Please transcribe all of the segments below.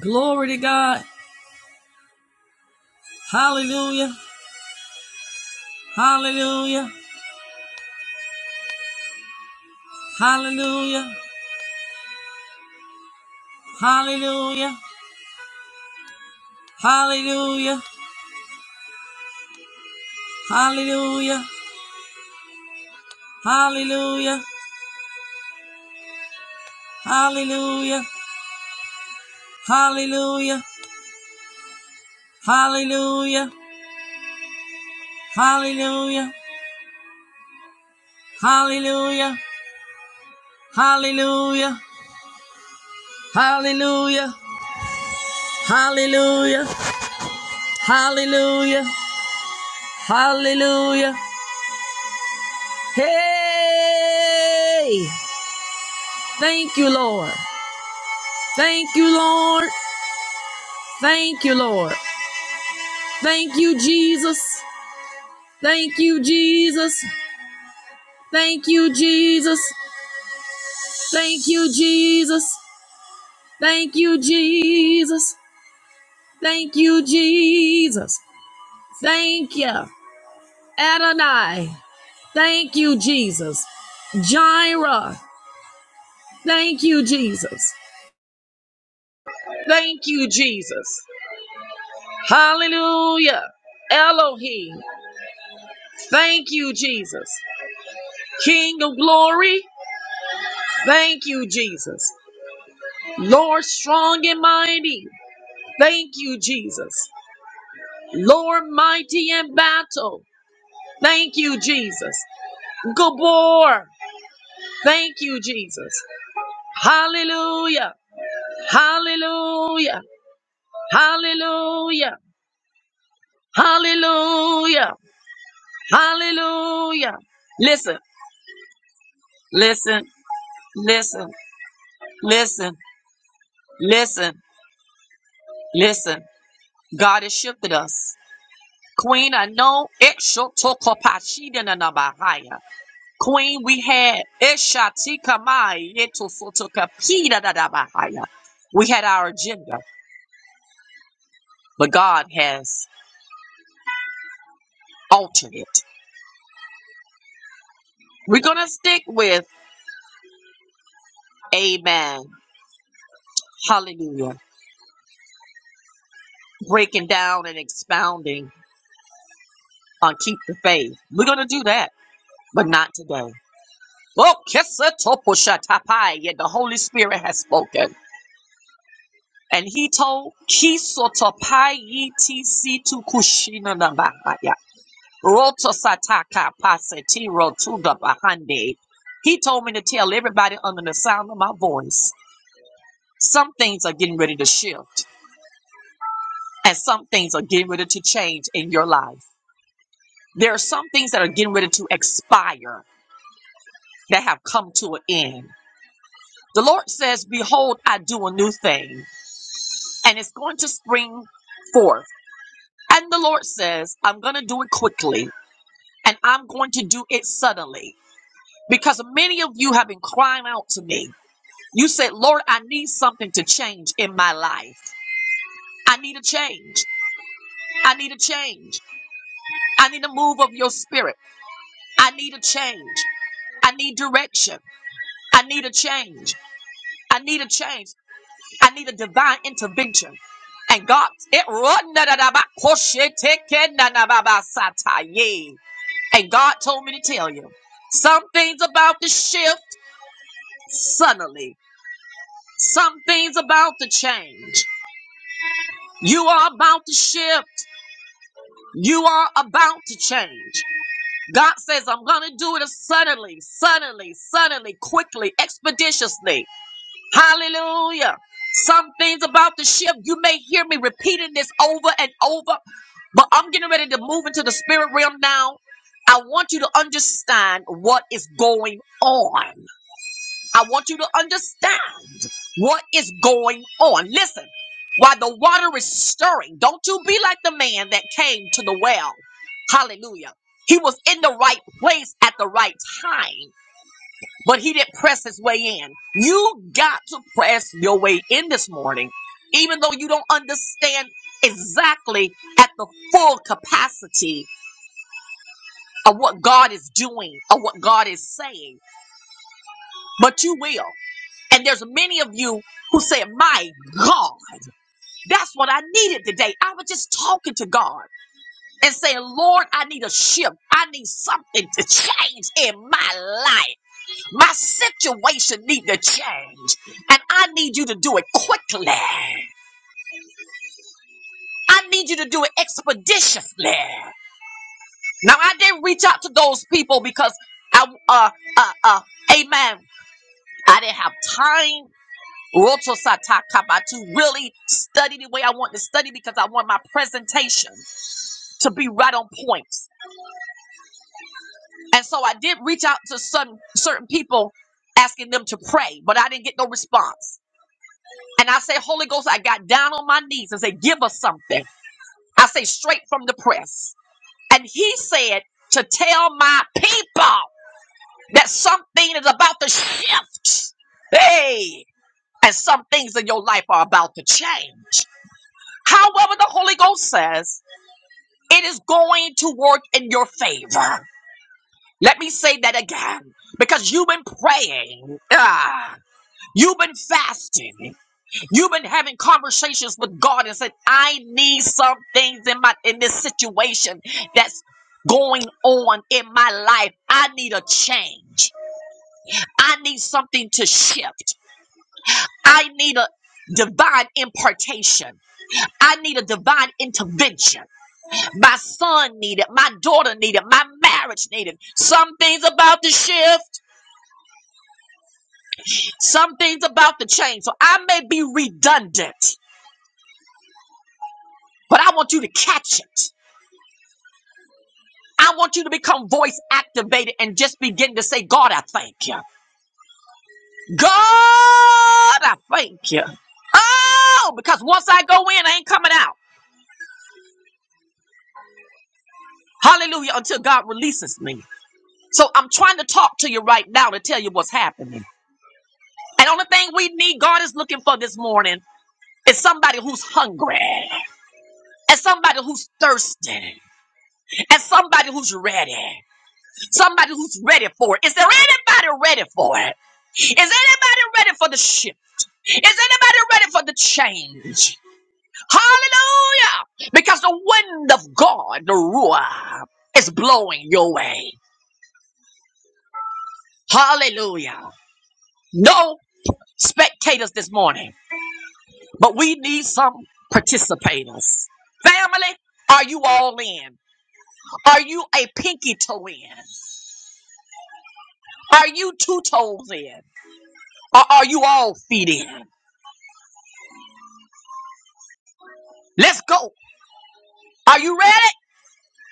Glory to God. Hallelujah. Hallelujah. Hallelujah. Hallelujah. Hallelujah. Hallelujah. Hallelujah. Hallelujah. Hallelujah. Hallelujah. Hallelujah. Hallelujah. Hallelujah. Hallelujah. Hallelujah. Hallelujah. Hallelujah. Hey! Thank you, Lord. Thank you, Lord. Thank you, Lord. Thank you, Jesus. Thank you, Jesus. Thank you, Jesus. Thank you, Jesus. Thank you, Jesus. Thank you, Jesus. Thank you, Adonai. Thank you, Jesus. Jireh. Thank you, Jesus. Thank you, Jesus. Hallelujah. Elohim. Thank you, Jesus. King of glory. Thank you, Jesus. Lord, strong and mighty. Thank you, Jesus. Lord, mighty in battle. Thank you, Jesus. Gabor. Thank you, Jesus. Hallelujah. Hallelujah. Hallelujah. Hallelujah. Hallelujah. Listen, listen, listen, listen, listen, listen. God has shifted us. Queen, I know it shall talk about she didn't know about higher. Queen, we had Eshatika Mai Yetofotoka Pida Dadabahaya. We had our agenda, but God has altered it. We're gonna stick with Amen. Hallelujah. Breaking down and expounding on keep the faith. We're gonna do that, but not today. Oh, kesa toposhatapai, yet the Holy Spirit has spoken. And he told Kisotopai Tisi to Kushina Roto Sataka Pasetiro Tuda Bahande. He told me to tell everybody under the sound of my voice some things are getting ready to shift and some things are getting ready to change in your life. There are some things that are getting ready to expire that have come to an end. The Lord says, Behold, I do a new thing, and it's going to spring forth. And the Lord says, I'm going to do it quickly, and I'm going to do it suddenly, because many of you have been crying out to me You said, Lord, I need something to change in my life. I need a change. I need a change. I need a move of your spirit. I need a change. I need direction. I need a change. I need a change. I need a divine intervention. And God, it run da da da ba koshe teke na na ba ba sa ta And God told me to tell you, some things about to shift suddenly. Some things about to change. You are about to shift. You are about to change. God says, I'm going to do it suddenly, suddenly, suddenly, quickly, expeditiously. Hallelujah. Some things about to shift. You may hear me repeating this over and over, but I'm getting ready to move into the spirit realm now. I want you to understand what is going on. I want you to understand. What is going on? Listen, while the water is stirring, don't you be like the man that came to the well. Hallelujah. He was in the right place at the right time, but he didn't press his way in. You got to press your way in this morning, even though you don't understand exactly at the full capacity of what God is doing or what God is saying, but you will. And there's many of you who say, My God. That's what I needed today. I was just talking to God and saying, Lord, I need a shift. I need something to change in my life. My situation need to change. And I need you to do it quickly. I need you to do it expeditiously. Now I didn't reach out to those people because I uh uh uh amen. I didn't have time Roto Sata kaba to really study the way I want to study because I want my presentation to be right on point. And so I did reach out to some certain people asking them to pray, but I didn't get no response. And I say, Holy Ghost, I got down on my knees and said, Give us something. I say, straight from the press. And he said, To tell my people that something is about to shift. Hey, and some things in your life are about to change. However, the Holy Ghost says, It is going to work in your favor. Let me say that again because you've been praying. Ah. You've been fasting. You've been having conversations with God and said, I need some things in my in this situation that's going on in my life. I need a change. I need something to shift. I need a divine impartation. I need a divine intervention. My son needed, my daughter needed, my marriage needed. Some things about to shift, some things about to change. So I may be redundant, but I want you to catch it. I want you to become voice activated and just begin to say, God, I thank you. God, I thank you. Oh, because once I go in, I ain't coming out. Hallelujah, until God releases me. So I'm trying to talk to you right now to tell you what's happening. And only thing we need, God is looking for this morning, is somebody who's hungry, and somebody who's thirsty, and somebody who's ready, somebody who's ready for it. Is there anybody ready for it? Is anybody ready for the shift? Is anybody ready for the change? Hallelujah! Because the wind of God, the Ruah, is blowing your way. Hallelujah. No spectators this morning, but we need some participators. Family, are you all in? Are you a pinky toe in? Are you two toes in? Or are you all feet in? Let's go. Are you ready?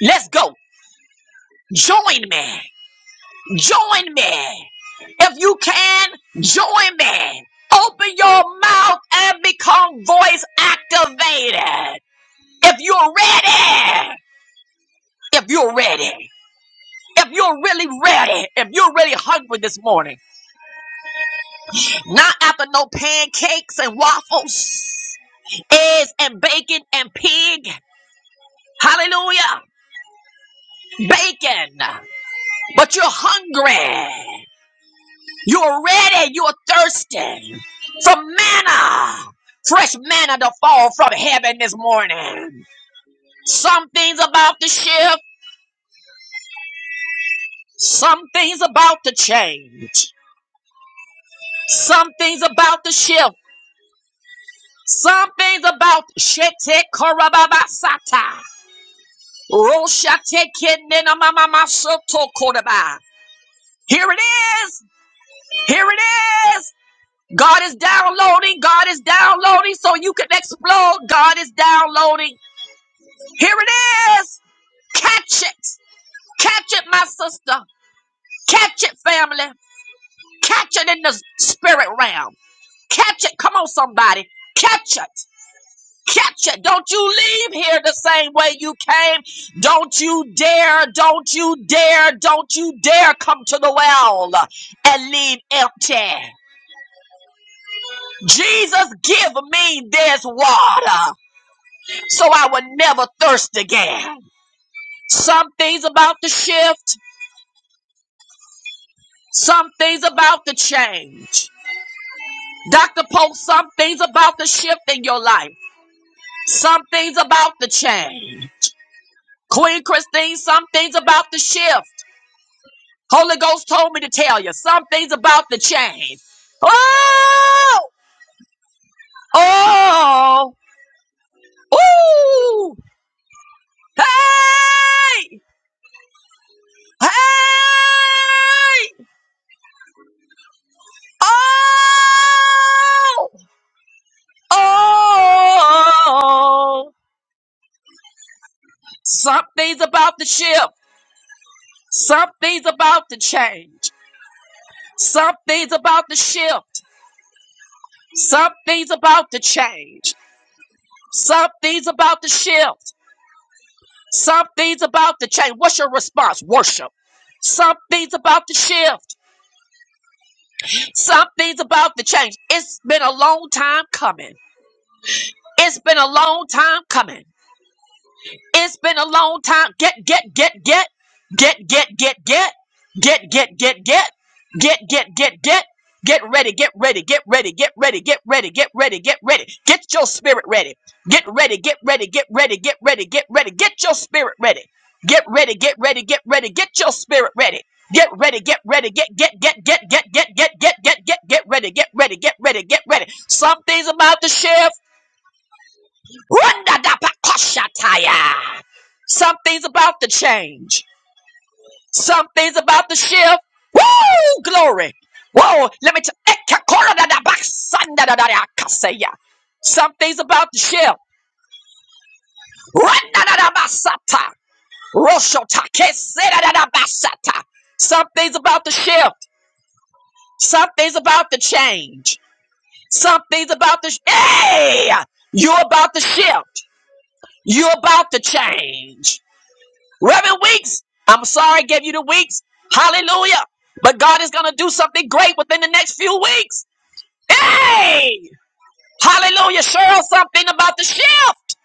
Let's go. Join me. Join me. If you can, join me. Open your mouth and become voice activated. If you're ready, if you're ready, if you're really ready, if you're really hungry this morning, not after no pancakes and waffles, eggs and bacon and pig. Hallelujah. Bacon. But you're hungry. You're ready. You're thirsty for manna, fresh manna to fall from heaven this morning. Some things about to shift. Some things about to change. Some things about to shift. Some things about shete korababasata. Roshate kinena mamamasoto koraba. Here it is. Here it is. God is downloading. God is downloading so you can explode. God is downloading. Here it is. Catch it. Catch it, my sister. Catch it, family. Catch it in the spirit realm. Catch it. Come on, somebody. Catch it. Catch it. Don't you leave here the same way you came. Don't you dare, don't you dare, don't you dare come to the well and leave empty. Jesus, give me this water so I will never thirst again. Some things about to shift. Some things about to change. Dr. Post, some things about to shift in your life. Some things about to change. Queen Christine, some things about to shift. Holy Ghost told me to tell you, some things about to change. Oh! Oh! Ooh! Hey! Hey! Oh! Oh! Something's about to shift. Something's about to change. Something's about to shift. Something's about to change. Something's about to shift. Something's about to change. What's your response? Worship. Something's about to shift. Something's about to change. It's been a long time coming. It's been a long time coming. It's been a long time. Get, get, get, get, get, get, get, get, get, get, get, get, get, get, get, get. Get ready, get ready, get ready, get ready, get ready, get ready, get ready. Get your spirit ready. Get ready, get ready, get ready, get ready, get ready. Get your spirit ready. Get ready, get ready, get ready, get your spirit ready. Get ready, get ready, get get get get get get get get get get get ready, get ready, get ready, get ready. Something's about to shift. Woo-da-da-ba-ka-sha-ta-ya. Some things about to change. Some things about to shift. Woo! Glory. Whoa, let me tell you. Some things about to shift. Ra-da-da-da-ba-sa-ta. Rosho-ta-ke-se-da-da-da-ba-sa-ta. Some things about to shift. Some things about to change. Some things about to. Sh- hey! You're about to shift. You're about to change. Reverend Weeks, I'm sorry I gave you the weeks. Hallelujah. But God is going to do something great within the next few weeks. Hey! Hallelujah. Cheryl, something about the shift.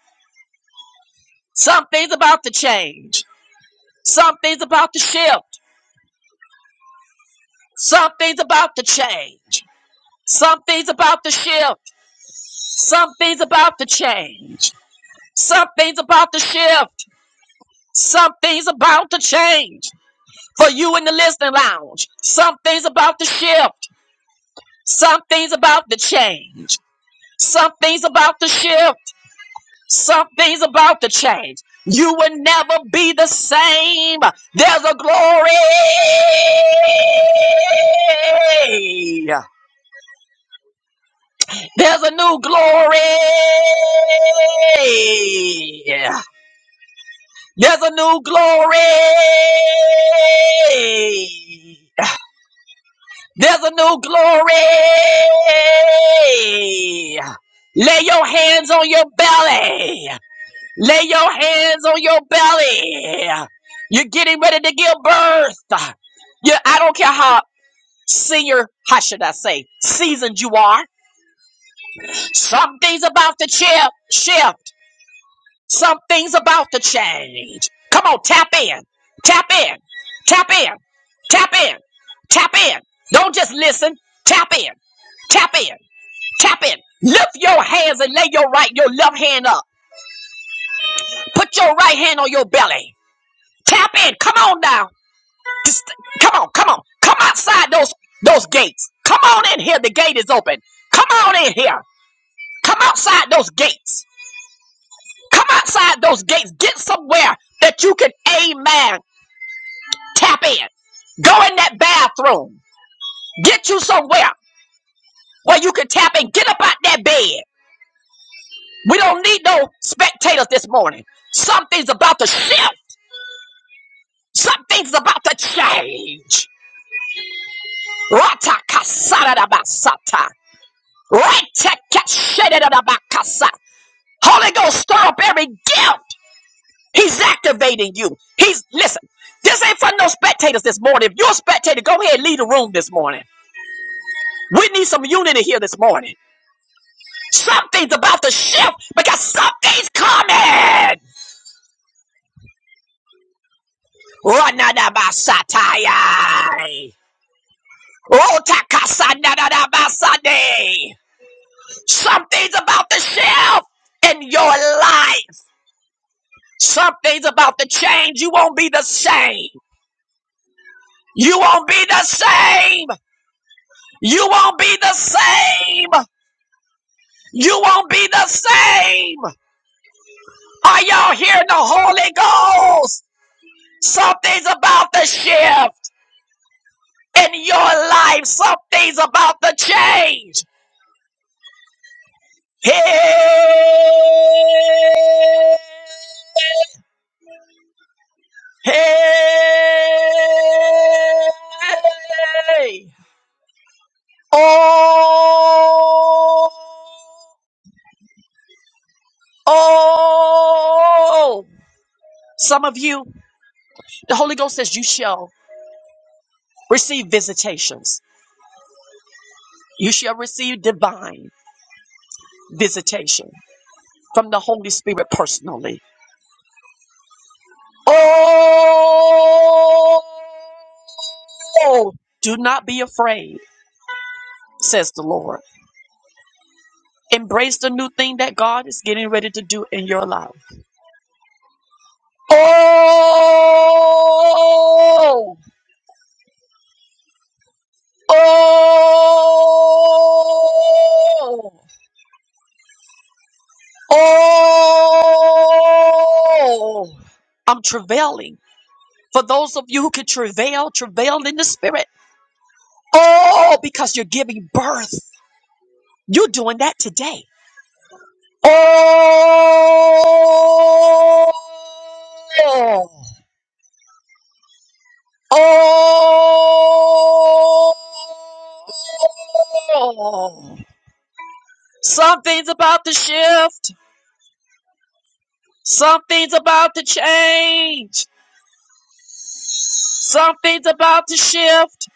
Something's about to change. Something's about to shift. Something's about to change. Something's about to shift. Something's about to change. Something's about to shift. Something's about to change. For you in the listening lounge, something's about to shift. Something's about to change. Something's about to shift. Something's about to change. You will never be the same. There's a glory. There's a new glory. There's a new glory. There's a new glory. Lay your hands on your belly. Lay your hands on your belly. You're getting ready to give birth. Yeah, I don't care how senior, how should I say, seasoned you are. Some things about to chip, shift. Some things about to change. Come on, tap in. Tap in. Tap in. Tap in. Tap in. Don't just listen. Tap in. Tap in. Tap it. Lift your hands and lay your right, your left hand up. Put your right hand on your belly. Tap in. Come on now. Just, come on, come on. Come outside those those gates. Come on in here. The gate is open. Come on in here. Come outside those gates. Come outside those gates. Get somewhere that you can, amen, tap in. Go in that bathroom. Get you somewhere where you can tap in. Get up out that bed. We don't need no spectators this morning. Something's about to shift. Something's about to change. Rata kasada basata. Rata kasaradabasata. Retekeshedadabakasa. Holy Ghost, stir up every gift. He's activating you. He's listen. This ain't for no spectators this morning. If you're a spectator, go ahead and leave the room this morning. We need some unity here this morning. Something's about to shift because something's coming. Ranadabasataya. Rotakasanadabasade. Something's about to shift in your life. Something's about to change. You won't be the same. You won't be the same. You won't be the same. You won't be the same. Are y'all hearing the Holy Ghost? Something's about to shift in your life. Something's about to change. Hey! Hey! Oh! Oh! Some of you, the Holy Ghost says you shall receive visitations. You shall receive divine visitation from the Holy Spirit personally. Oh! Do not be afraid, says the Lord. Embrace the new thing that God is getting ready to do in your life. Oh, oh, oh. I'm travailing. For those of you who can travail, travail in the spirit. Oh, because you're giving birth. You're doing that today. Oh, oh. Something's about to shift. Something's about to change. Something's about to shift.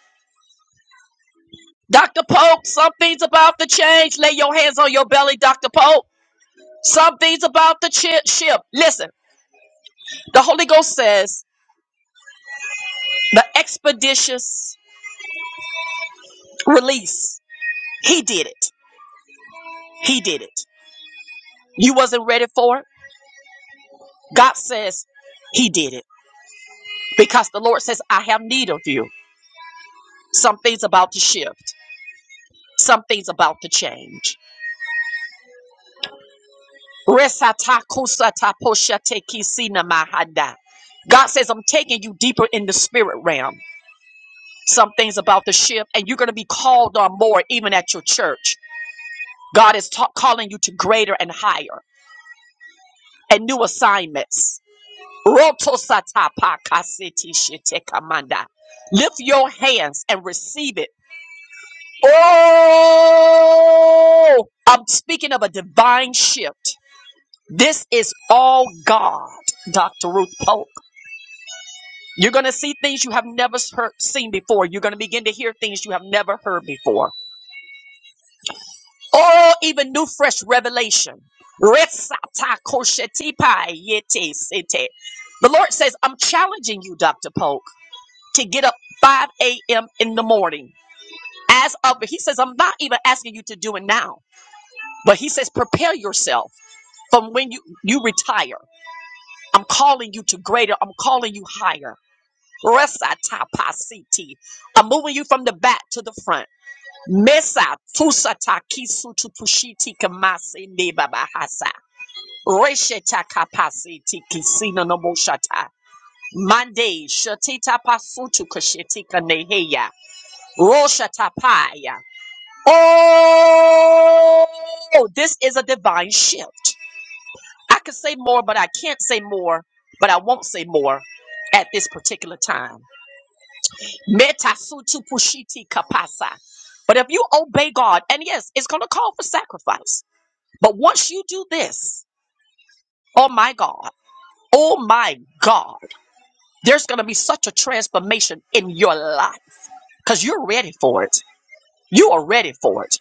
Dr. Pope, something's about to change. Lay your hands on your belly, Dr. Pope. Something's about to chi- shift. Listen, the Holy Ghost says the expeditious release. He did it. He did it. You wasn't ready for it. God says he did it because the Lord says, I have need of you. Something's about to shift. Something's about to change Resata kusata poshate kisina mahada. God says, I'm taking you deeper in the spirit realm. Some things about the shift, and you're going to be called on more even at your church. God is ta- calling you to greater and higher and new assignments. Rotosata pakasiti shitekamanda. Lift your hands and receive it. Oh, I'm speaking of a divine shift. This is all God, Dr. Ruth Pope. You're going to see things you have never s- heard, seen before. You're going to begin to hear things you have never heard before. Or even new, fresh revelation. Resata koshetipa yete sete. The Lord says, I'm challenging you, Dr. Polk, to get up 5 a.m. in the morning. As of, he says, I'm not even asking you to do it now, but he says, prepare yourself from when you, you retire. I'm calling you to greater, I'm calling you higher. Resatapasiti. I'm moving you from the back to the front. Mesa tusata kisutu pushiti kamasi ne babahasa. Resheta kapasiti kisina no moshata. Mande shatita pasutu kushitika neheya. Roshata paya. Oh, this is a divine shift. I could say more, but I can't say more, but I won't say more at this particular time. Meta pushiti kapasa. But if you obey God, and yes, it's going to call for sacrifice. But once you do this, oh my God, oh my God, there's going to be such a transformation in your life because you're ready for it. You are ready for it.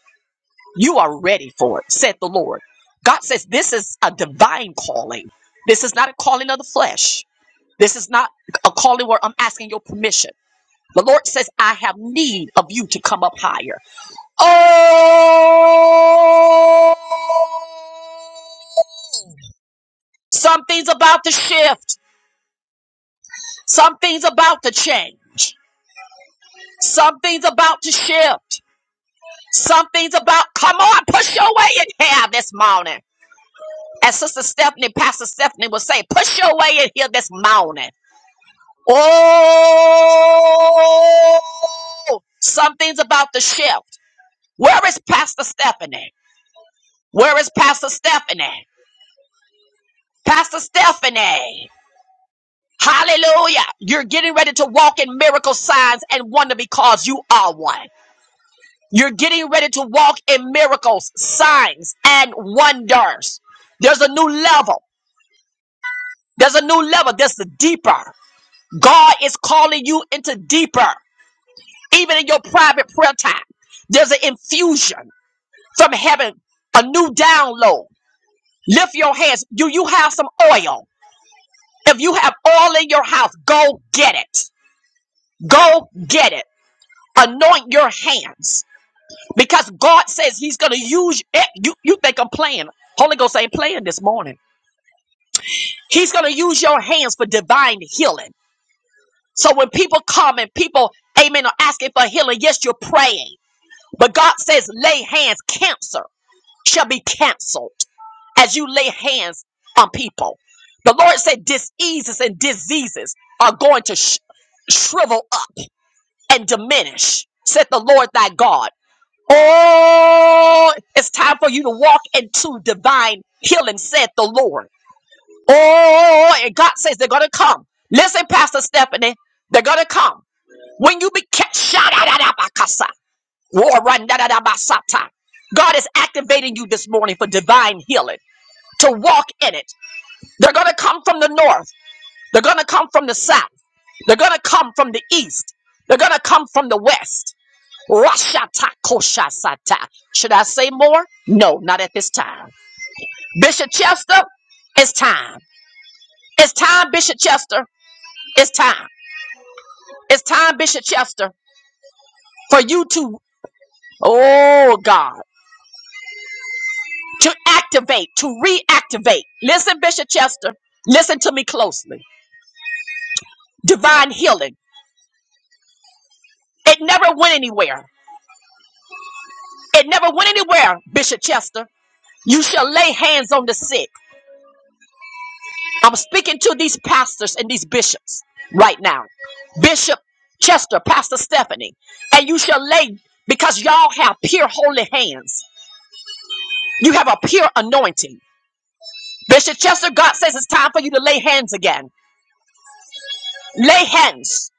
You are ready for it, said the Lord. God says this is a divine calling. This is not a calling of the flesh. This is not a calling where I'm asking your permission. The Lord says, I have need of you to come up higher. Oh, something's about to shift. Something's about to change. Something's about to shift. Something's about, come on, push your way in here this morning. As Sister Stephanie, Pastor Stephanie would say, push your way in here this morning. Oh, something's about to shift. Where is Pastor Stephanie? Where is Pastor Stephanie? Pastor Stephanie. Hallelujah. You're getting ready to walk in miracle signs and wonder because you are one. You're getting ready to walk in miracles, signs, and wonders. There's a new level. There's a new level. There's the deeper. God is calling you into deeper, even in your private prayer time. There's an infusion from heaven, a new download. Lift your hands. Do you have some oil? If you have oil in your house, go get it. Go get it. anoint your hands because God says He's going to use it. You, you think I'm playing. Holy Ghost ain't playing this morning. He's going to use your hands for divine healing. So when people come and people, amen, are asking for healing, yes, you're praying. But God says, lay hands, cancer shall be canceled as you lay hands on people. The Lord said, diseases and diseases are going to sh- shrivel up and diminish, said the Lord thy God. Oh, it's time for you to walk into divine healing, said the Lord. Oh, and God says they're going to come. Listen, Pastor Stephanie, they're going to come. When you be kept, shadadadabakasa, warandadadabasata. God is activating you this morning for divine healing, to walk in it. They're going to come from the north. They're going to come from the south. They're going to come from the east. They're going to come from the west. Rashata koshasata. Should I say more? No, not at this time. Bishop Chester, it's time. It's time, Bishop Chester. It's time. It's time, Bishop Chester, for you to, oh God, to activate, to reactivate. Listen, Bishop Chester, listen to me closely. Divine healing. It never went anywhere. It never went anywhere, Bishop Chester. You shall lay hands on the sick. I'm speaking to these pastors and these bishops right now. Bishop Chester, Pastor Stephanie, and you shall lay because y'all have pure holy hands. You have a pure anointing. Bishop Chester, God says it's time for you to lay hands again. Lay hands.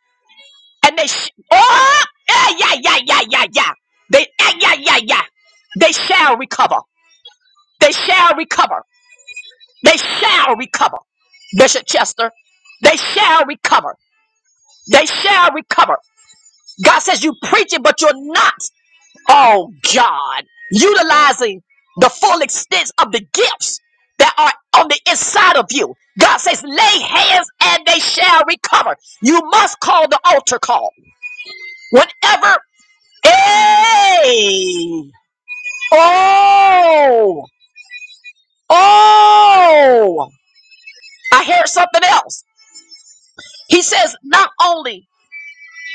And they, sh- oh, yeah, yeah, yeah, yeah, yeah, yeah. They, yeah, yeah, yeah, yeah. They shall recover. They shall recover. They shall recover. Bishop Chester, they shall recover. They shall recover. God says you preach it, but you're not. Oh God, utilizing the full extent of the gifts that are on the inside of you. God says, lay hands and they shall recover. You must call the altar call. Whenever, hey, oh, oh, I hear something else. He says, not only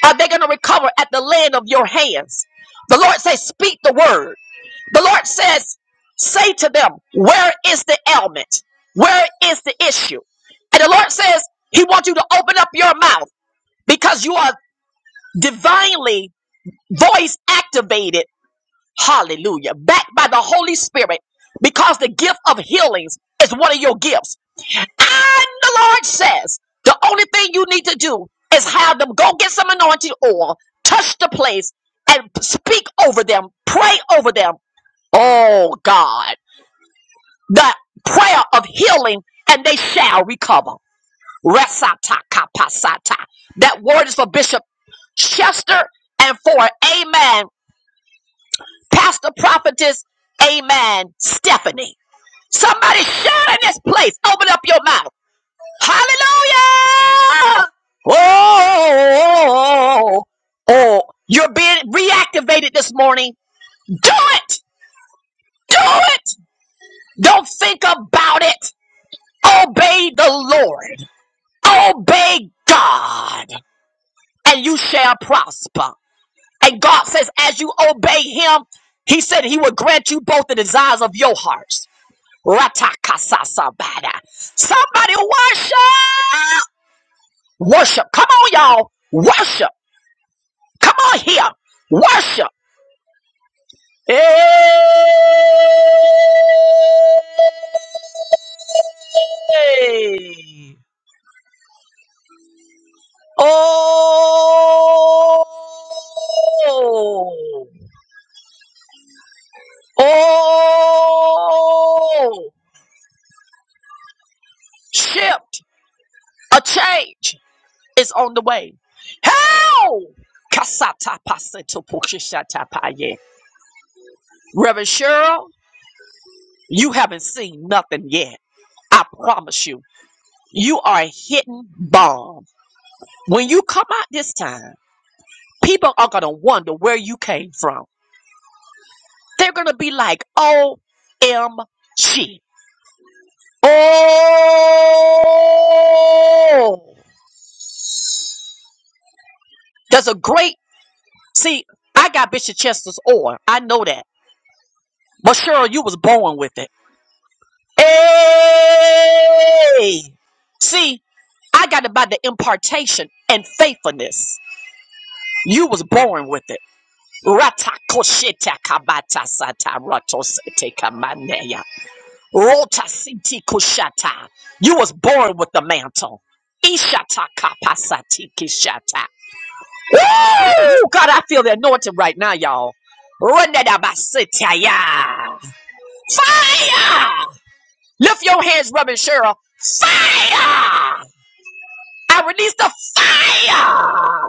are they going to recover at the land of your hands, the Lord says, speak the word. The Lord says, Say to them, Where is the ailment? Where is the issue? And the Lord says, He wants you to open up your mouth because you are divinely voice activated. Hallelujah. Backed by the Holy Spirit because the gift of healings is one of your gifts. And the Lord says, The only thing you need to do is have them go get some anointing oil, touch the place, and speak over them, pray over them. Oh, God. the prayer of healing and they shall recover. Resata kapasata. That word is for Bishop Chester and for Amen. Pastor Prophetess, Amen. Stephanie. Somebody shout in this place. Open up your mouth. Hallelujah. Oh, oh, oh. oh, oh, oh. you're being reactivated this morning. Do it. Do it. Don't think about it. Obey the Lord. Obey God and you shall prosper. And God says, as you obey Him, He said He will grant you both the desires of your hearts. Ratakasasabada. Somebody worship! Worship. Come on, y'all. Worship. Come on here. Worship. Hey. Oh. Oh, shift, a change is on the way. How? Kasata paseto pokishata paye. Reverend Cheryl, you haven't seen nothing yet. I promise you, you are a hidden bomb. When you come out this time, people are gonna wonder where you came from. They're gonna be like, "OMG!" Oh, there's a great See, I got Bishop Chester's oil. I know that. But Cheryl, you was born with it. Hey! See, I got it by the impartation and faithfulness. You was born with it. Rata kosheta kabata sata rato sete kamaneya. Rota siti kushata. You was born with the mantle. Ishata kapasati kishata. Woo! God, I feel the anointing right now, y'all. Run that out by city, yeah. yeah. Fire! Lift your hands, Reverend Cheryl. Fire! I release the fire!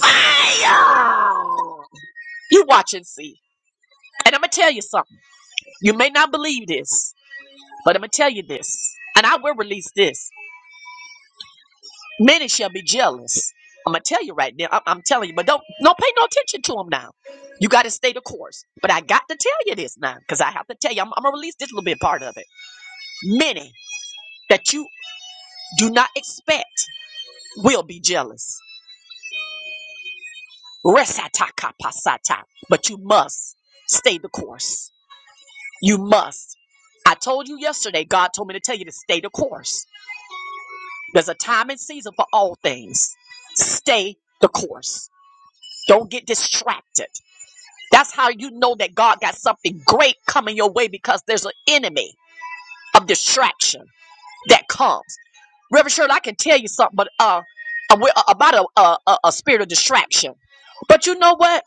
Fire! You watch and see. And I'm going to tell you something. You may not believe this, but I'm going to tell you this. And I will release this. Many shall be jealous. I'm gonna tell you right now. I'm, I'm telling you, but don't don't pay no attention to them now. You got to stay the course. But I got to tell you this now, because I have to tell you. I'm, I'm gonna release this little bit part of it. Many that you do not expect will be jealous. Resataka pasata. But you must stay the course. You must. I told you yesterday. God told me to tell you to stay the course. There's a time and season for all things. Stay the course. Don't get distracted. That's how you know that God got something great coming your way because there's an enemy of distraction that comes. Reverend Shirley, I can tell you something, but uh, uh, we- uh, about a, a a a spirit of distraction. But you know what?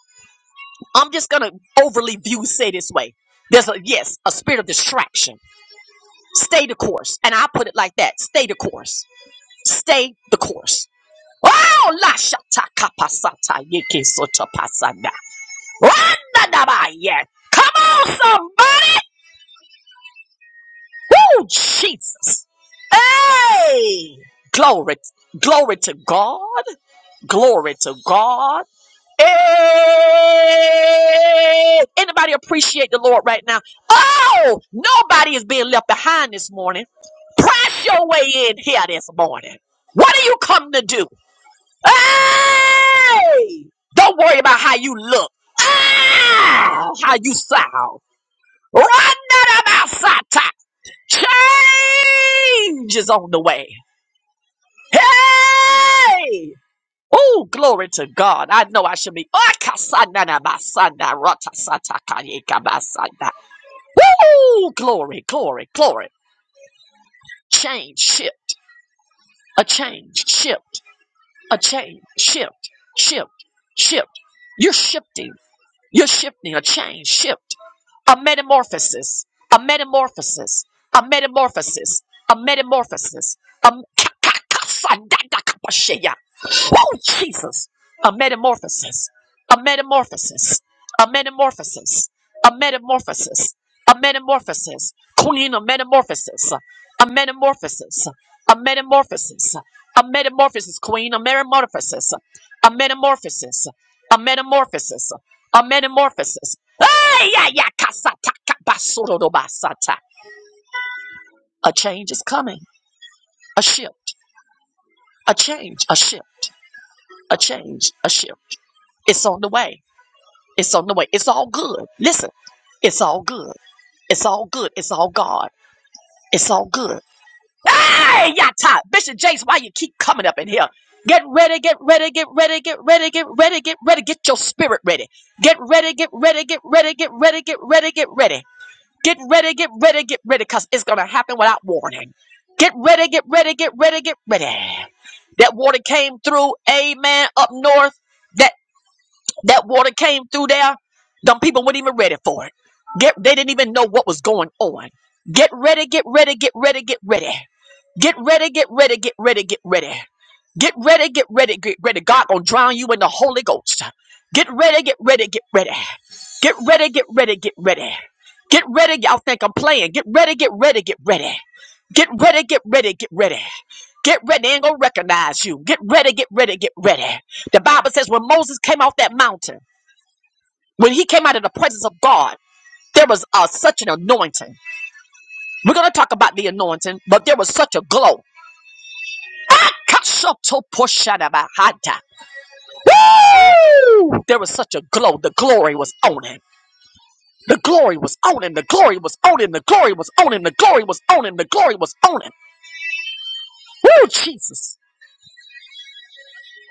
I'm just gonna overly view say this way. There's a yes, a spirit of distraction. Stay the course, and I put it like that: stay the course, stay the course. Oh, la shata kapasata yeke soto pasanda. Randa daba Come on, somebody! Oh, Jesus. Hey! Glory, glory to God. Glory to God. Hey! Anybody appreciate the Lord right now? Oh, nobody is being left behind this morning. Press your way in here this morning. What do you come to do? Hey! Don't worry about how you look. Ah, how you sound. Run that about Change is on the way. Hey! Oh, glory to God. I know I should be. Ah, kasanda na basanda, rata sata kanye kabasanda. Woo! Glory, glory, glory. Change, shift, a change, shift, a change, shift, shift, shift. You're shifting. You're shifting a change, shift. a metamorphosis, a metamorphosis, a metamorphosis, a metamorphosis, a m- Oh Jesus. A metamorphosis. A metamorphosis. A metamorphosis. A metamorphosis. A metamorphosis. Queen of metamorphosis. A metamorphosis. A metamorphosis. A metamorphosis. Queen of metamorphosis. A metamorphosis. A metamorphosis. A metamorphosis. Ay, ay, ay, kasata, kabasororo, basata. A change is coming. A shift. A change. A shift. A change. A shift. It's on the way. It's on the way. It's all good. Listen, it's all good. It's all good. It's all God. It's all good. Hey, Yata! Bishop James, why you keep coming up in here? Get ready, get ready, get ready, get ready, get ready, get ready, get your spirit ready. Get ready, get ready, get ready, get ready, get ready, get ready. Get ready, get ready, get ready, because it's gonna happen without warning. Get ready, get ready, get ready, get ready. That water came through, amen, up north. That water came through there. Them people weren't even ready for it. Get, they didn't even know what was going on. Get ready, get ready, get ready, get ready. Get ready, get ready, get ready, get ready. Get ready, get ready, get ready. God gonna drown you in the Holy Ghost. Get ready, get ready, get ready. Get ready, get ready, get ready. Get ready, y'all think I'm playing. Get ready, get ready, get ready. Get ready, get ready, get ready. Get ready, they ain't gonna recognize you. Get ready, get ready, get ready. The Bible says when Moses came off that mountain, when he came out of the presence of God, there was uh, such an anointing. We're going to talk about the anointing, but there was such a glow. Kasotoposhadabahata. Woo! There was such a glow. The glory was on him. The glory was on him. The glory was on him. The glory was on him. The glory was on him. The glory was on him. Woo, Jesus.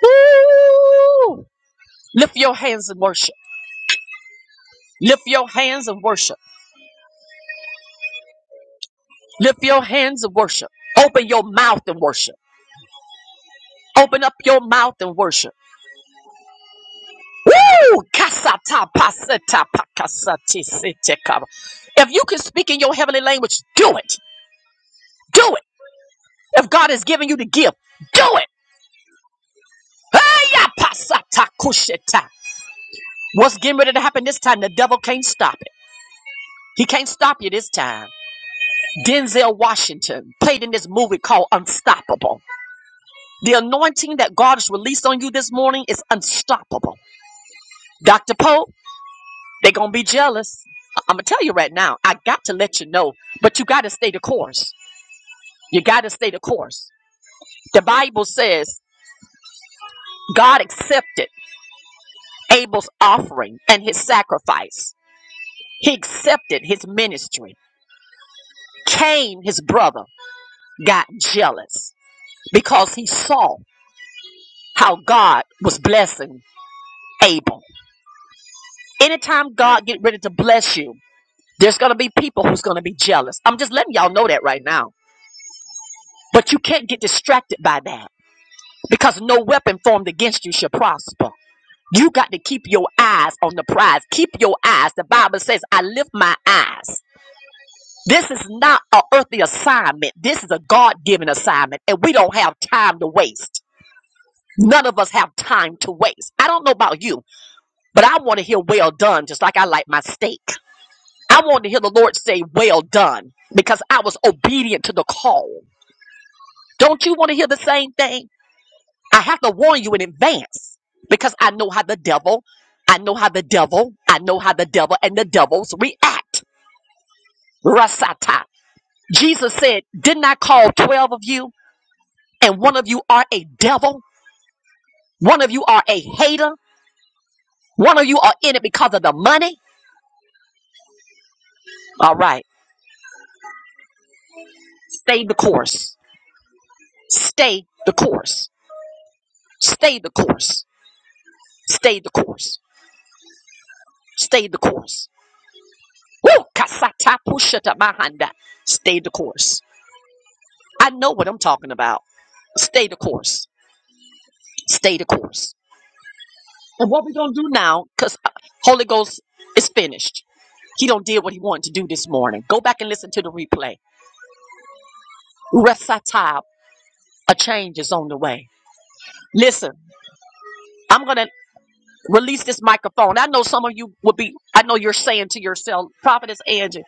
Woo! Lift your hands and worship. Lift your hands and worship. Lift your hands and worship. Open your mouth and worship. Open up your mouth and worship. Woo! Kasata paseta pakasati sitekaba. If you can speak in your heavenly language, do it. Do it. If God is giving you the gift, do it. Heya pasata kusheta. What's getting ready to happen this time? The devil can't stop it. He can't stop you this time. Denzel Washington played in this movie called Unstoppable. The anointing that God has released on you this morning is unstoppable. Dr. Poe. They're gonna be jealous. I'm gonna tell you right now. I got to let you know, but you got to stay the course. You got to stay the course. The Bible says God accepted Abel's offering and his sacrifice. He accepted his ministry. Cain, his brother, got jealous because he saw how God was blessing Abel. Anytime God get ready to bless you, there's gonna be people who's gonna be jealous. I'm just letting y'all know that right now. But you can't get distracted by that. because no weapon formed against you shall prosper. You got to keep your eyes on the prize. Keep your eyes. The Bible says, I lift my eyes. This is not a earthly assignment. This is a God given assignment, and we don't have time to waste. None of us have time to waste. I don't know about you, but I want to hear well done, just like I like my steak. I want to hear the Lord say, Well done, because I was obedient to the call. Don't you want to hear the same thing? I have to warn you in advance because I know how the devil, I know how the devil, I know how the devil and the devils react. Rasata. Jesus said, Didn't I call 12 of you? And one of you are a devil. One of you are a hater. One of you are in it because of the money. All right. Stay the course. Stay the course. Stay the course. Stay the course. Stay the course. Woo! Kasata pushata mahanda. Stay the course. I know what I'm talking about. Stay the course. Stay the course. And what we're gonna do now, because Holy Ghost is finished. He don't did what he wanted to do this morning. Go back and listen to the replay. Resatab, a change is on the way. Listen, I'm gonna release this microphone. I know some of you would be. I know you're saying to yourself, Prophetess Angie,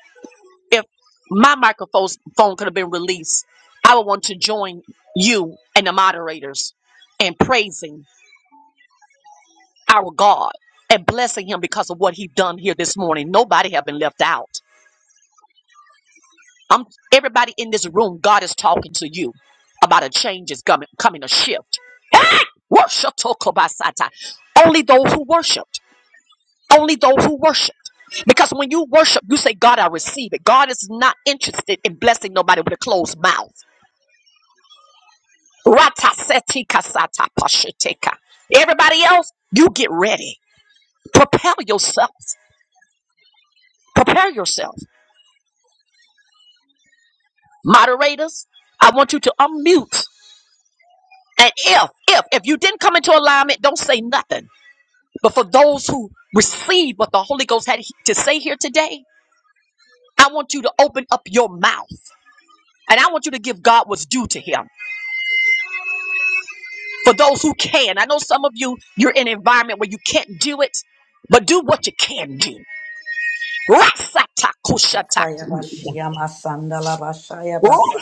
if my microphone phone could have been released, I would want to join you and the moderators in praising. our God and blessing him because of what he done here this morning. Nobody have been left out. I'm everybody in this room, God is talking to you about a change is coming, coming a shift. Hey, worship tokobasata. Only those who worshiped. Only those who worshiped. Because when you worship, you say, God, I receive it. God is not interested in blessing nobody with a closed mouth. Rata seti kasata pasheteka. Everybody else, you get ready. Prepare yourself. Prepare yourself. Moderators, I want you to unmute. And if, if, if you didn't come into alignment, don't say nothing. But for those who receive what the Holy Ghost had to say here today, I want you to open up your mouth. And I want you to give God what's due to him. For those who can, I know some of you, you're in an environment where you can't do it, but do what you can do. Akaya Rasatakushatakuya. Bashia Masanda La Bashaya Basa.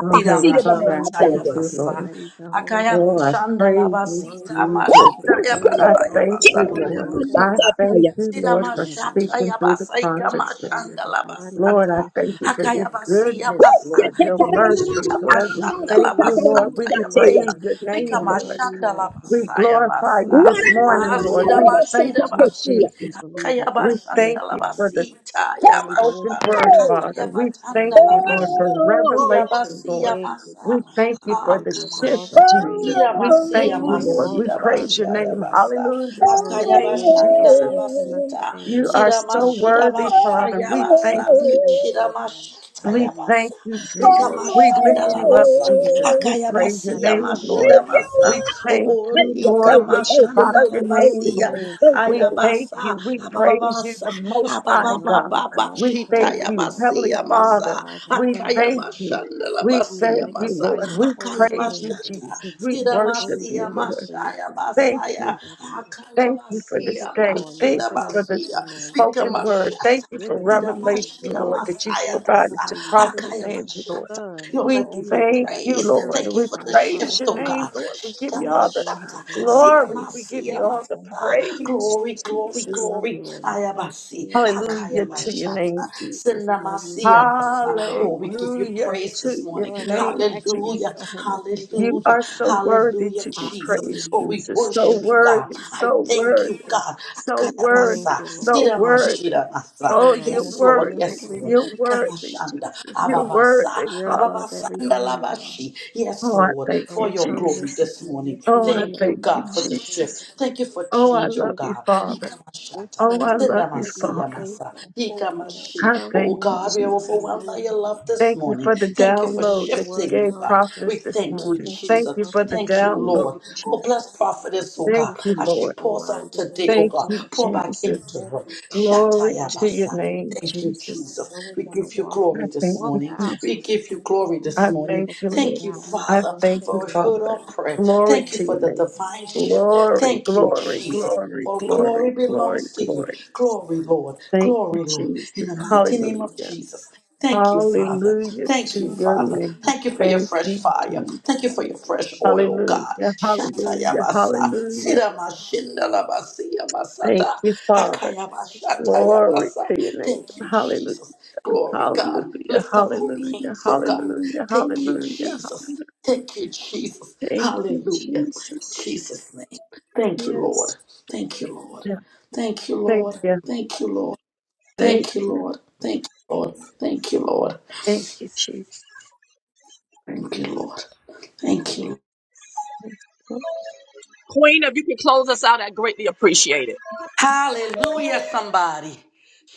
Oh, Sida Heavenly Father, I Thank you, Mashataya thank Lord. you, We Basa. Lord. praise your holy Akaya Oh, I name. Bashanda La praise You're you, Basita worthy of all Jesus. the Woo! Mashita I praise, Yabasaya all thank the you, Basanda glory, Lord. all the I honor. Yabasata. Rasatatapasidadamohadaya. thank you, Sida Lord, We for love you, Mashata speaking Lord. through the We Yabasaika thank process. you for your Mashanda La divine Lord, I Basata. thank revelation you for today, your Akaya God. Basia goodness, Masa. We Lord, your thank you for mercy, Bokashita Lord. prophetess We Mashanda Erica La thank you, and her Lord. Basata We new Yabasa. praise word your to give Lika name, your Lord. holy Mashanda La word today, We Basaya God. glorify you Basa. We this stand Ah, morning, on your Lord. Sida We word, thank Mashida God. you, Bashi. We Jesus. believe it We by faith, thank you God. for the Akayabashandalabasita For we know it's spoken yabasha. going to word, Father. manifest We in thank your you, Lord, timing, Akayabatandalabasi. for God. revelation, Yabasi Lord. Thank you, yamasa. We God. thank You're you for the worthy of shift, all the Akamasha. praise, Jesus. We all the Hiramasi thank you, glory, Lord. yamasi all We Thank the honor, praise your yabasha dear name. Lord. yabasa. Hallelujah to Lord, your your name, word shall Jesus. flesh on us Akayabashandalabasita. today, and You we are so receive Siramashi it, dear worthy, yamasha Lord. Father. We We yabasa. thank just you. thank you, Lord, for Shiramashita how We you thank yabasa. you, touch Jesus. us, We for lift how you you up, Likamashandalabasa. use us Jesus. We to praise Akayabasi your glorify your name, kingdom, Lord. yamashira dear masa. Lord. We Help thank us to you, be you, Lord. thank We you, obedient, thank dear you, shabak Ikamashanda Lord. thank your you, thank you, name, labasia Lord. Thank thank you, you, We God. Lord. thank ayabasa you. We Hallelujah. praise you, abababasa the Most You're High God. worthy of ababababa all We the shita thank praise, you, all the Heavenly yabasia glory, masa Father. all the We honor, dear thank you. Lord. akayabashanda We We labasia thank you, masa magnify Lord. your We akaya holy praise name, you, dear akayabashata Jesus. Lord. We Oh, worship we you, siramasia thank you Lord. for your mashaya Thank basaya you. protection, dear Lord. akaya Thank you We for thank akayabasia this you day. for Thank mashira you loving us, for this basia dear Lord. We thank spoken you word. for Thank ikamashata you for forgiving us, dear Lord. revelation, Sidamashira Lord, that We you Masaya thank you for provided how Basa, to you sent prophetess Akaya your Angie, Lord. Bashata. Son, Lord, your We I give only you thank begotten you, praise. Lord. Son, Thank you to We for die the for our praise shift, your oh name, sins God. Lord. We give so you that all we the may Shikamashata, have life and glory. We have give Sidamasia more you all Masa. the abundantly. dear praise, Lord. Glory, glory, We Jesus. love glory. you, Lord. We can't say Ayabasi, it enough. We Akaya Hallelujah to love your you, Lord. Bashata, name, Jesus. We love you from Sindamasia the bottom Masa. of our Oh, we hearts. give you dear Hallelujah Lord. praise this to your morning. Lord, let our name, Jesus. actions Hallelujah, show how much we love You hallelujah, you, are so God. worthy hallelujah, to be Jesus. praised, Oh, Hallelujah. we Lord. Jesus. So worship Thank you you, you, God. worthy, Jesus. I so thank you, worthy, God. so Thank worthy, Akayabasa, you, so Lord. worthy. siramashirabasa. We Oh, you're Yes, magnify Lord. your worthy. Yes, holy Lord. You're name. worthy, Kamashanda, Jesus. You're ababasa, worthy, You're Father. above ababasanda everything, God. labashi. Yes, Oh, I Lord, thank And for you, we your come this glory Jesus. this morning, morning. lifting Oh, I your Thank you, thank name you, on God, for high. the Jesus. God. shift. Thank you for Oh, I change, oh Lord, love we you, God. come Father. this Ikamashata, Oh, I morning, love you, putting our sindamasiya Father. faith, masa, our hope, and our ikamashi. I trust Oh thank you, in God, you. we are In Jesus. overwhelmed by your your hands, love this Thank God. you morning. for the Thank you for Lord, download your that shifting you word everything, oh gave tells God. us that We prophetess this we put our thank you, morning. trust and Thank Jesus. you for the confidence Thank you, in download, Lord. the end. Oh, Jesus. bless Lord, prophetess, oh thank Thank God, you you, for as that Lord. she pours reminder out that we today, oh Thank should God. put you, our Pour trust back Jesus. and into hope her. and confidence Glory in to you, your Shatayabasa. God. name, Thank you, Jesus. Jesus. So we're We going to give you walk, I glory this thank walk you, morning. out Jesus. We give you glory this I and live morning. thank you, according Lord. Thank to you, how you I tell Father, us thank to you, for a live, heard our Father. God. prayer. Glory Thank you to for your the name. divine shift. Glory, Thank you, glory, Jesus. glory, All glory glory, glory, belongs to you. glory. Glory, Lord. Thank you, Glory, Lord. In Jesus. the mighty name of Hallelujah. Jesus. Thank you, Father. Hallelujah Thank you, to your Father. name. Thank you for your Thank fresh you, fire. Jesus. Thank you for your fresh oil, oh God. Hallelujah, hallelujah, Shatayabasa. hallelujah. Thank Sidamashindalabasiyamasata. you, Father. Glory Akayabashatayabasa. to your name. Thank you, Hallelujah. Jesus. Glory, God. Hallelujah, Lift up holy hallelujah, hands, oh God. hallelujah, Thank you, hallelujah, Jesus. hallelujah. Thank you, Jesus. Thank you, Hallelujah. In Jesus. Jesus' name. Thank you, Lord. Yes. Thank you, Lord. Yeah. Thank you, Thank Lord. you. Thank you, Lord. Thank Thank you, you. Lord. Thank you, Lord. Thank you, Lord. Thank you, Jesus. Thank you, Lord. Thank you. Queen, if you can close us out, I greatly appreciate it. Hallelujah, somebody.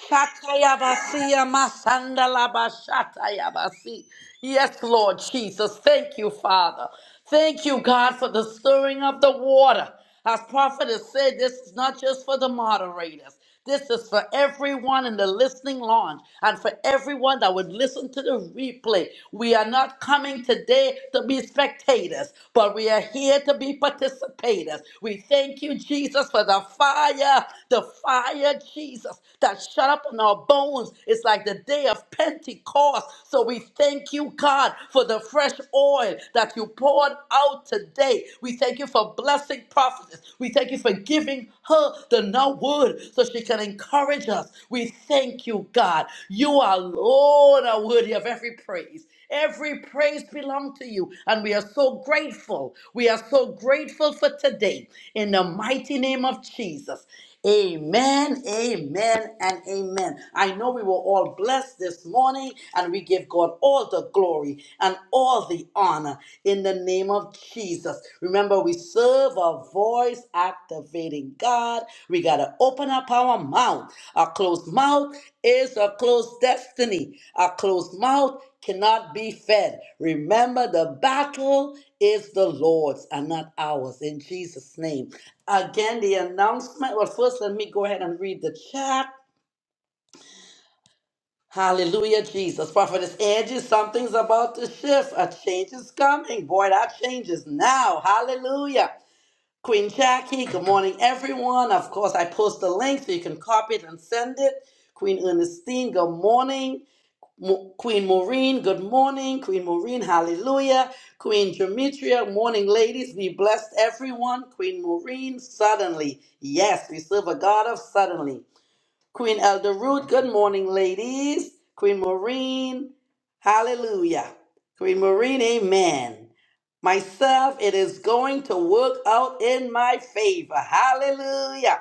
Shatayabasiya masandalabashatayabasi. Yes, Lord Jesus. Thank you, Father. Thank you, God, for the stirring of the water. As prophet has said, this is not just for the moderators. This is for everyone in the listening lounge and for everyone everyone that would listen to the replay. We are not coming today to be spectators, but we are here to be participators. We thank you, Jesus, for the fire, the fire, Jesus, that shut up in our bones. It's like the day of Pentecost. So we thank you, God, for the fresh oil that you poured out today. We thank you for blessing prophetess. We thank you for giving her the no word so she can encourage us. We thank you, God. You are Lord, are worthy of every praise. Every praise belongs to you. And we are so grateful. We are so grateful for today. In the mighty name of Jesus. Amen, amen, and amen. I know we were all blessed this morning, and we give God all the glory and all the honor in the name of Jesus. Remember, we serve a voice activating God. We got to open up our mouth. A closed mouth is a closed destiny. A closed mouth cannot be fed. Remember, the battle is the Lord's and not ours. In Jesus' name. Again, the announcement. Well, first, let me go ahead and read the chat. Hallelujah, Jesus. Prophetess Angie, something's about to shift. A change is coming. Boy, that change is now. Hallelujah. Queen Jackie, good morning, everyone. Of course, I post the link so you can copy it and send it. Queen Ernestine, good morning. Mo- Queen Maureen, good morning. Queen Maureen, hallelujah. Queen Demetria, morning, ladies. We blessed everyone. Queen Maureen, suddenly. Yes, we serve a God of suddenly. Queen Elder Ruth, good morning, ladies. Queen Maureen, hallelujah. Queen Maureen, amen. Myself, it is going to work out in my favor. Hallelujah.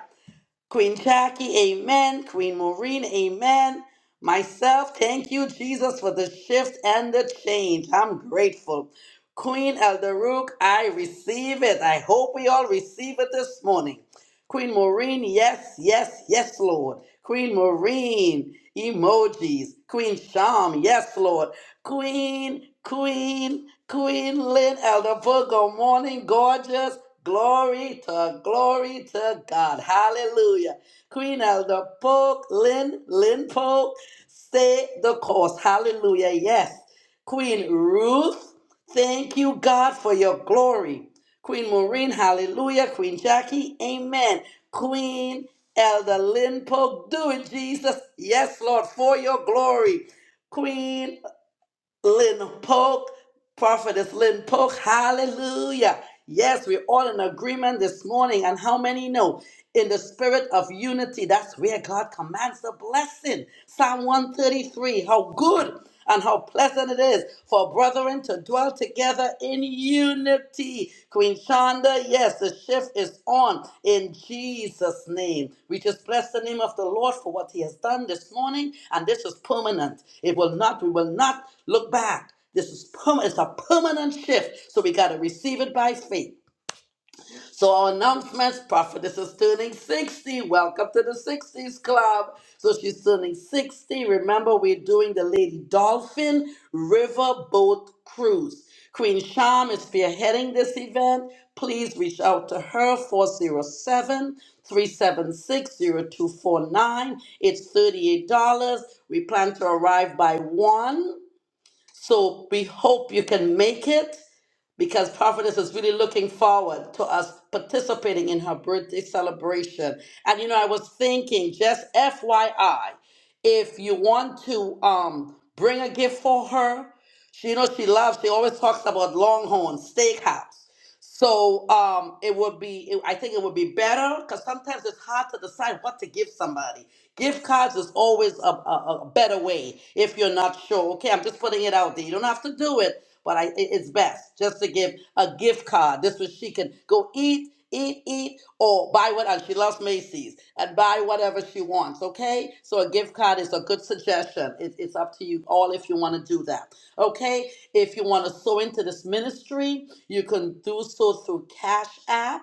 Queen Jackie, amen. Queen Maureen, amen. Myself, thank you, Jesus, for the shift and the change. I'm grateful. Queen Elderook, I receive it. I hope we all receive it this morning. Queen Maureen, yes, yes, yes, Lord. Queen Maureen, emojis. Queen Sham, yes, Lord. Queen, Queen, Queen Lynn Elder Book. Good morning, gorgeous. Glory to glory to God. Hallelujah. Queen Elder Book, Lynn, Lynn Polk, stay the course. Hallelujah. Yes. Queen Ruth, thank you, God, for your glory. Queen Maureen, hallelujah. Queen Jackie, amen. Queen Elder Lynn Polk, do it, Jesus. Yes, Lord, for your glory. Queen Lynn Polk, Prophetess Lynn Polk, hallelujah. Yes, we're all in agreement this morning. And how many know? In the spirit of unity, that's where God commands the blessing. Psalm 133 How good and how pleasant it is for brethren to dwell together in unity. Queen Shonda, yes, the shift is on in Jesus' name. We just bless the name of the Lord for what he has done this morning, and this is permanent. It will not, we will not look back. This is permanent. It's a permanent shift. So we got to receive it by faith. So our announcements, prophetess is turning 60. Welcome to the 60s club. So she's turning 60. Remember, we're doing the Lady Dolphin Riverboat Cruise. Queen Sham is spearheading this event. Please reach out to her, four zero seven three seven six zero two four nine. It's $38. We plan to arrive by 1. So we hope you can make it because Prophetess is really looking forward to us participating in her birthday celebration. And you know, I was thinking, just FYI, if you want to um, bring a gift for her, she, you know, she loves, she always talks about Longhorn Steakhouse. So um, it would be, it, I think it would be better because sometimes it's hard to decide what to give somebody. Gift cards is always a, a, a better way if you're not sure. Okay, I'm just putting it out there. You don't have to do it, but I, it- it's best just to give a gift card. This way she can go eat, eat, eat, or buy what, and she loves Macy's, and buy whatever she wants. Okay, so a gift card is a good suggestion. It, it's up to you all if you want to do that. Okay, if you want to sow into this ministry, you can do so through Cash App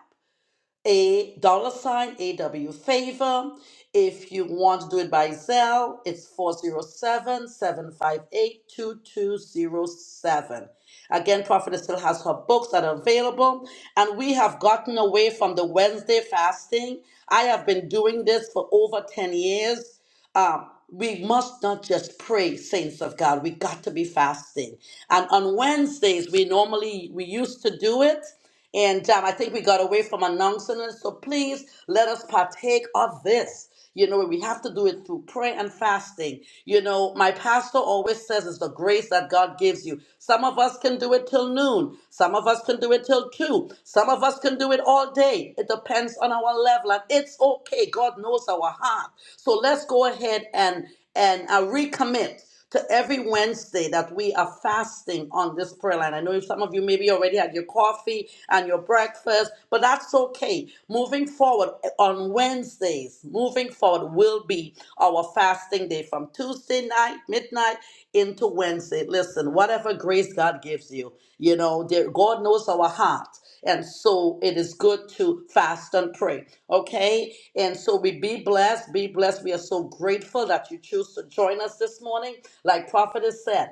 a dollar sign AW favor. If you want to do it by Zelle, it's 407 758 2207. Again, Prophetess still has her books that are available, and we have gotten away from the Wednesday fasting. I have been doing this for over 10 years. Um, we must not just pray, saints of God. We got to be fasting. And on Wednesdays, we normally we used to do it. And um, I think we got away from announcing it. So please let us partake of this. You know, we have to do it through prayer and fasting. You know, my pastor always says it's the grace that God gives you. Some of us can do it till noon. Some of us can do it till two. Some of us can do it all day. It depends on our level. And it's okay. God knows our heart. So let's go ahead and and uh, recommit to every Wednesday that we are fasting on this prayer line. I know some of you maybe already had your coffee and your breakfast, but that's okay. Moving forward eh, on Wednesdays, moving forward will be our fasting day from Tuesday night, midnight into Wednesday. Listen, whatever grace God gives you, you know, there, God knows our heart. And so it is good to fast and pray. Okay? And so we be blessed, be blessed. We are so grateful that you choose to join us this morning. Like Prophet has said,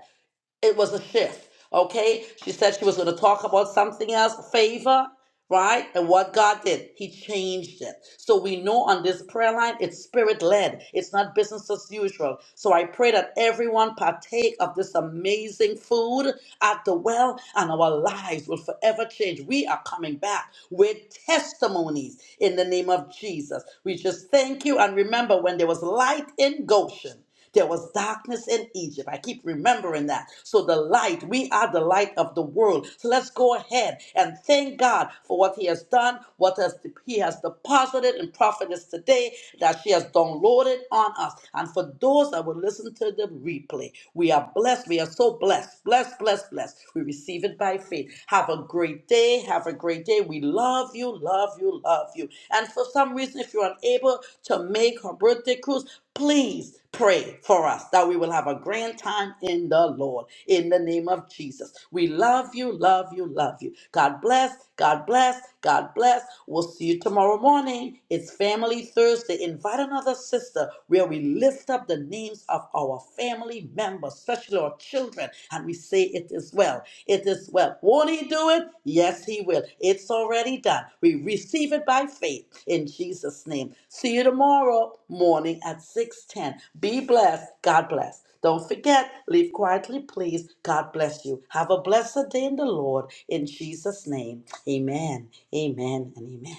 it was a shift. Okay, she said she was going to talk about something else, favor, right? And what God did, He changed it. So we know on this prayer line, it's spirit led. It's not business as usual. So I pray that everyone partake of this amazing food at the well, and our lives will forever change. We are coming back with testimonies in the name of Jesus. We just thank you, and remember when there was light in Goshen. There was darkness in Egypt. I keep remembering that. So, the light, we are the light of the world. So, let's go ahead and thank God for what He has done, what has, He has deposited in prophetess today that she has downloaded on us. And for those that will listen to the replay, we are blessed. We are so blessed. Blessed, blessed, blessed. We receive it by faith. Have a great day. Have a great day. We love you, love you, love you. And for some reason, if you're unable to make her birthday cruise, Please pray for us that we will have a grand time in the Lord in the name of Jesus. We love you, love you, love you. God bless, God bless, God bless. We'll see you tomorrow morning. It's Family Thursday. Invite another sister where we lift up the names of our family members, especially our your children. And we say, It is well. It is well. Won't He do it? Yes, He will. It's already done. We receive it by faith in Jesus' name. See you tomorrow morning at 6:10. Be blessed. God bless. Don't forget, leave quietly, please. God bless you. Have a blessed day in the Lord in Jesus' name. Amen. Amen and amen.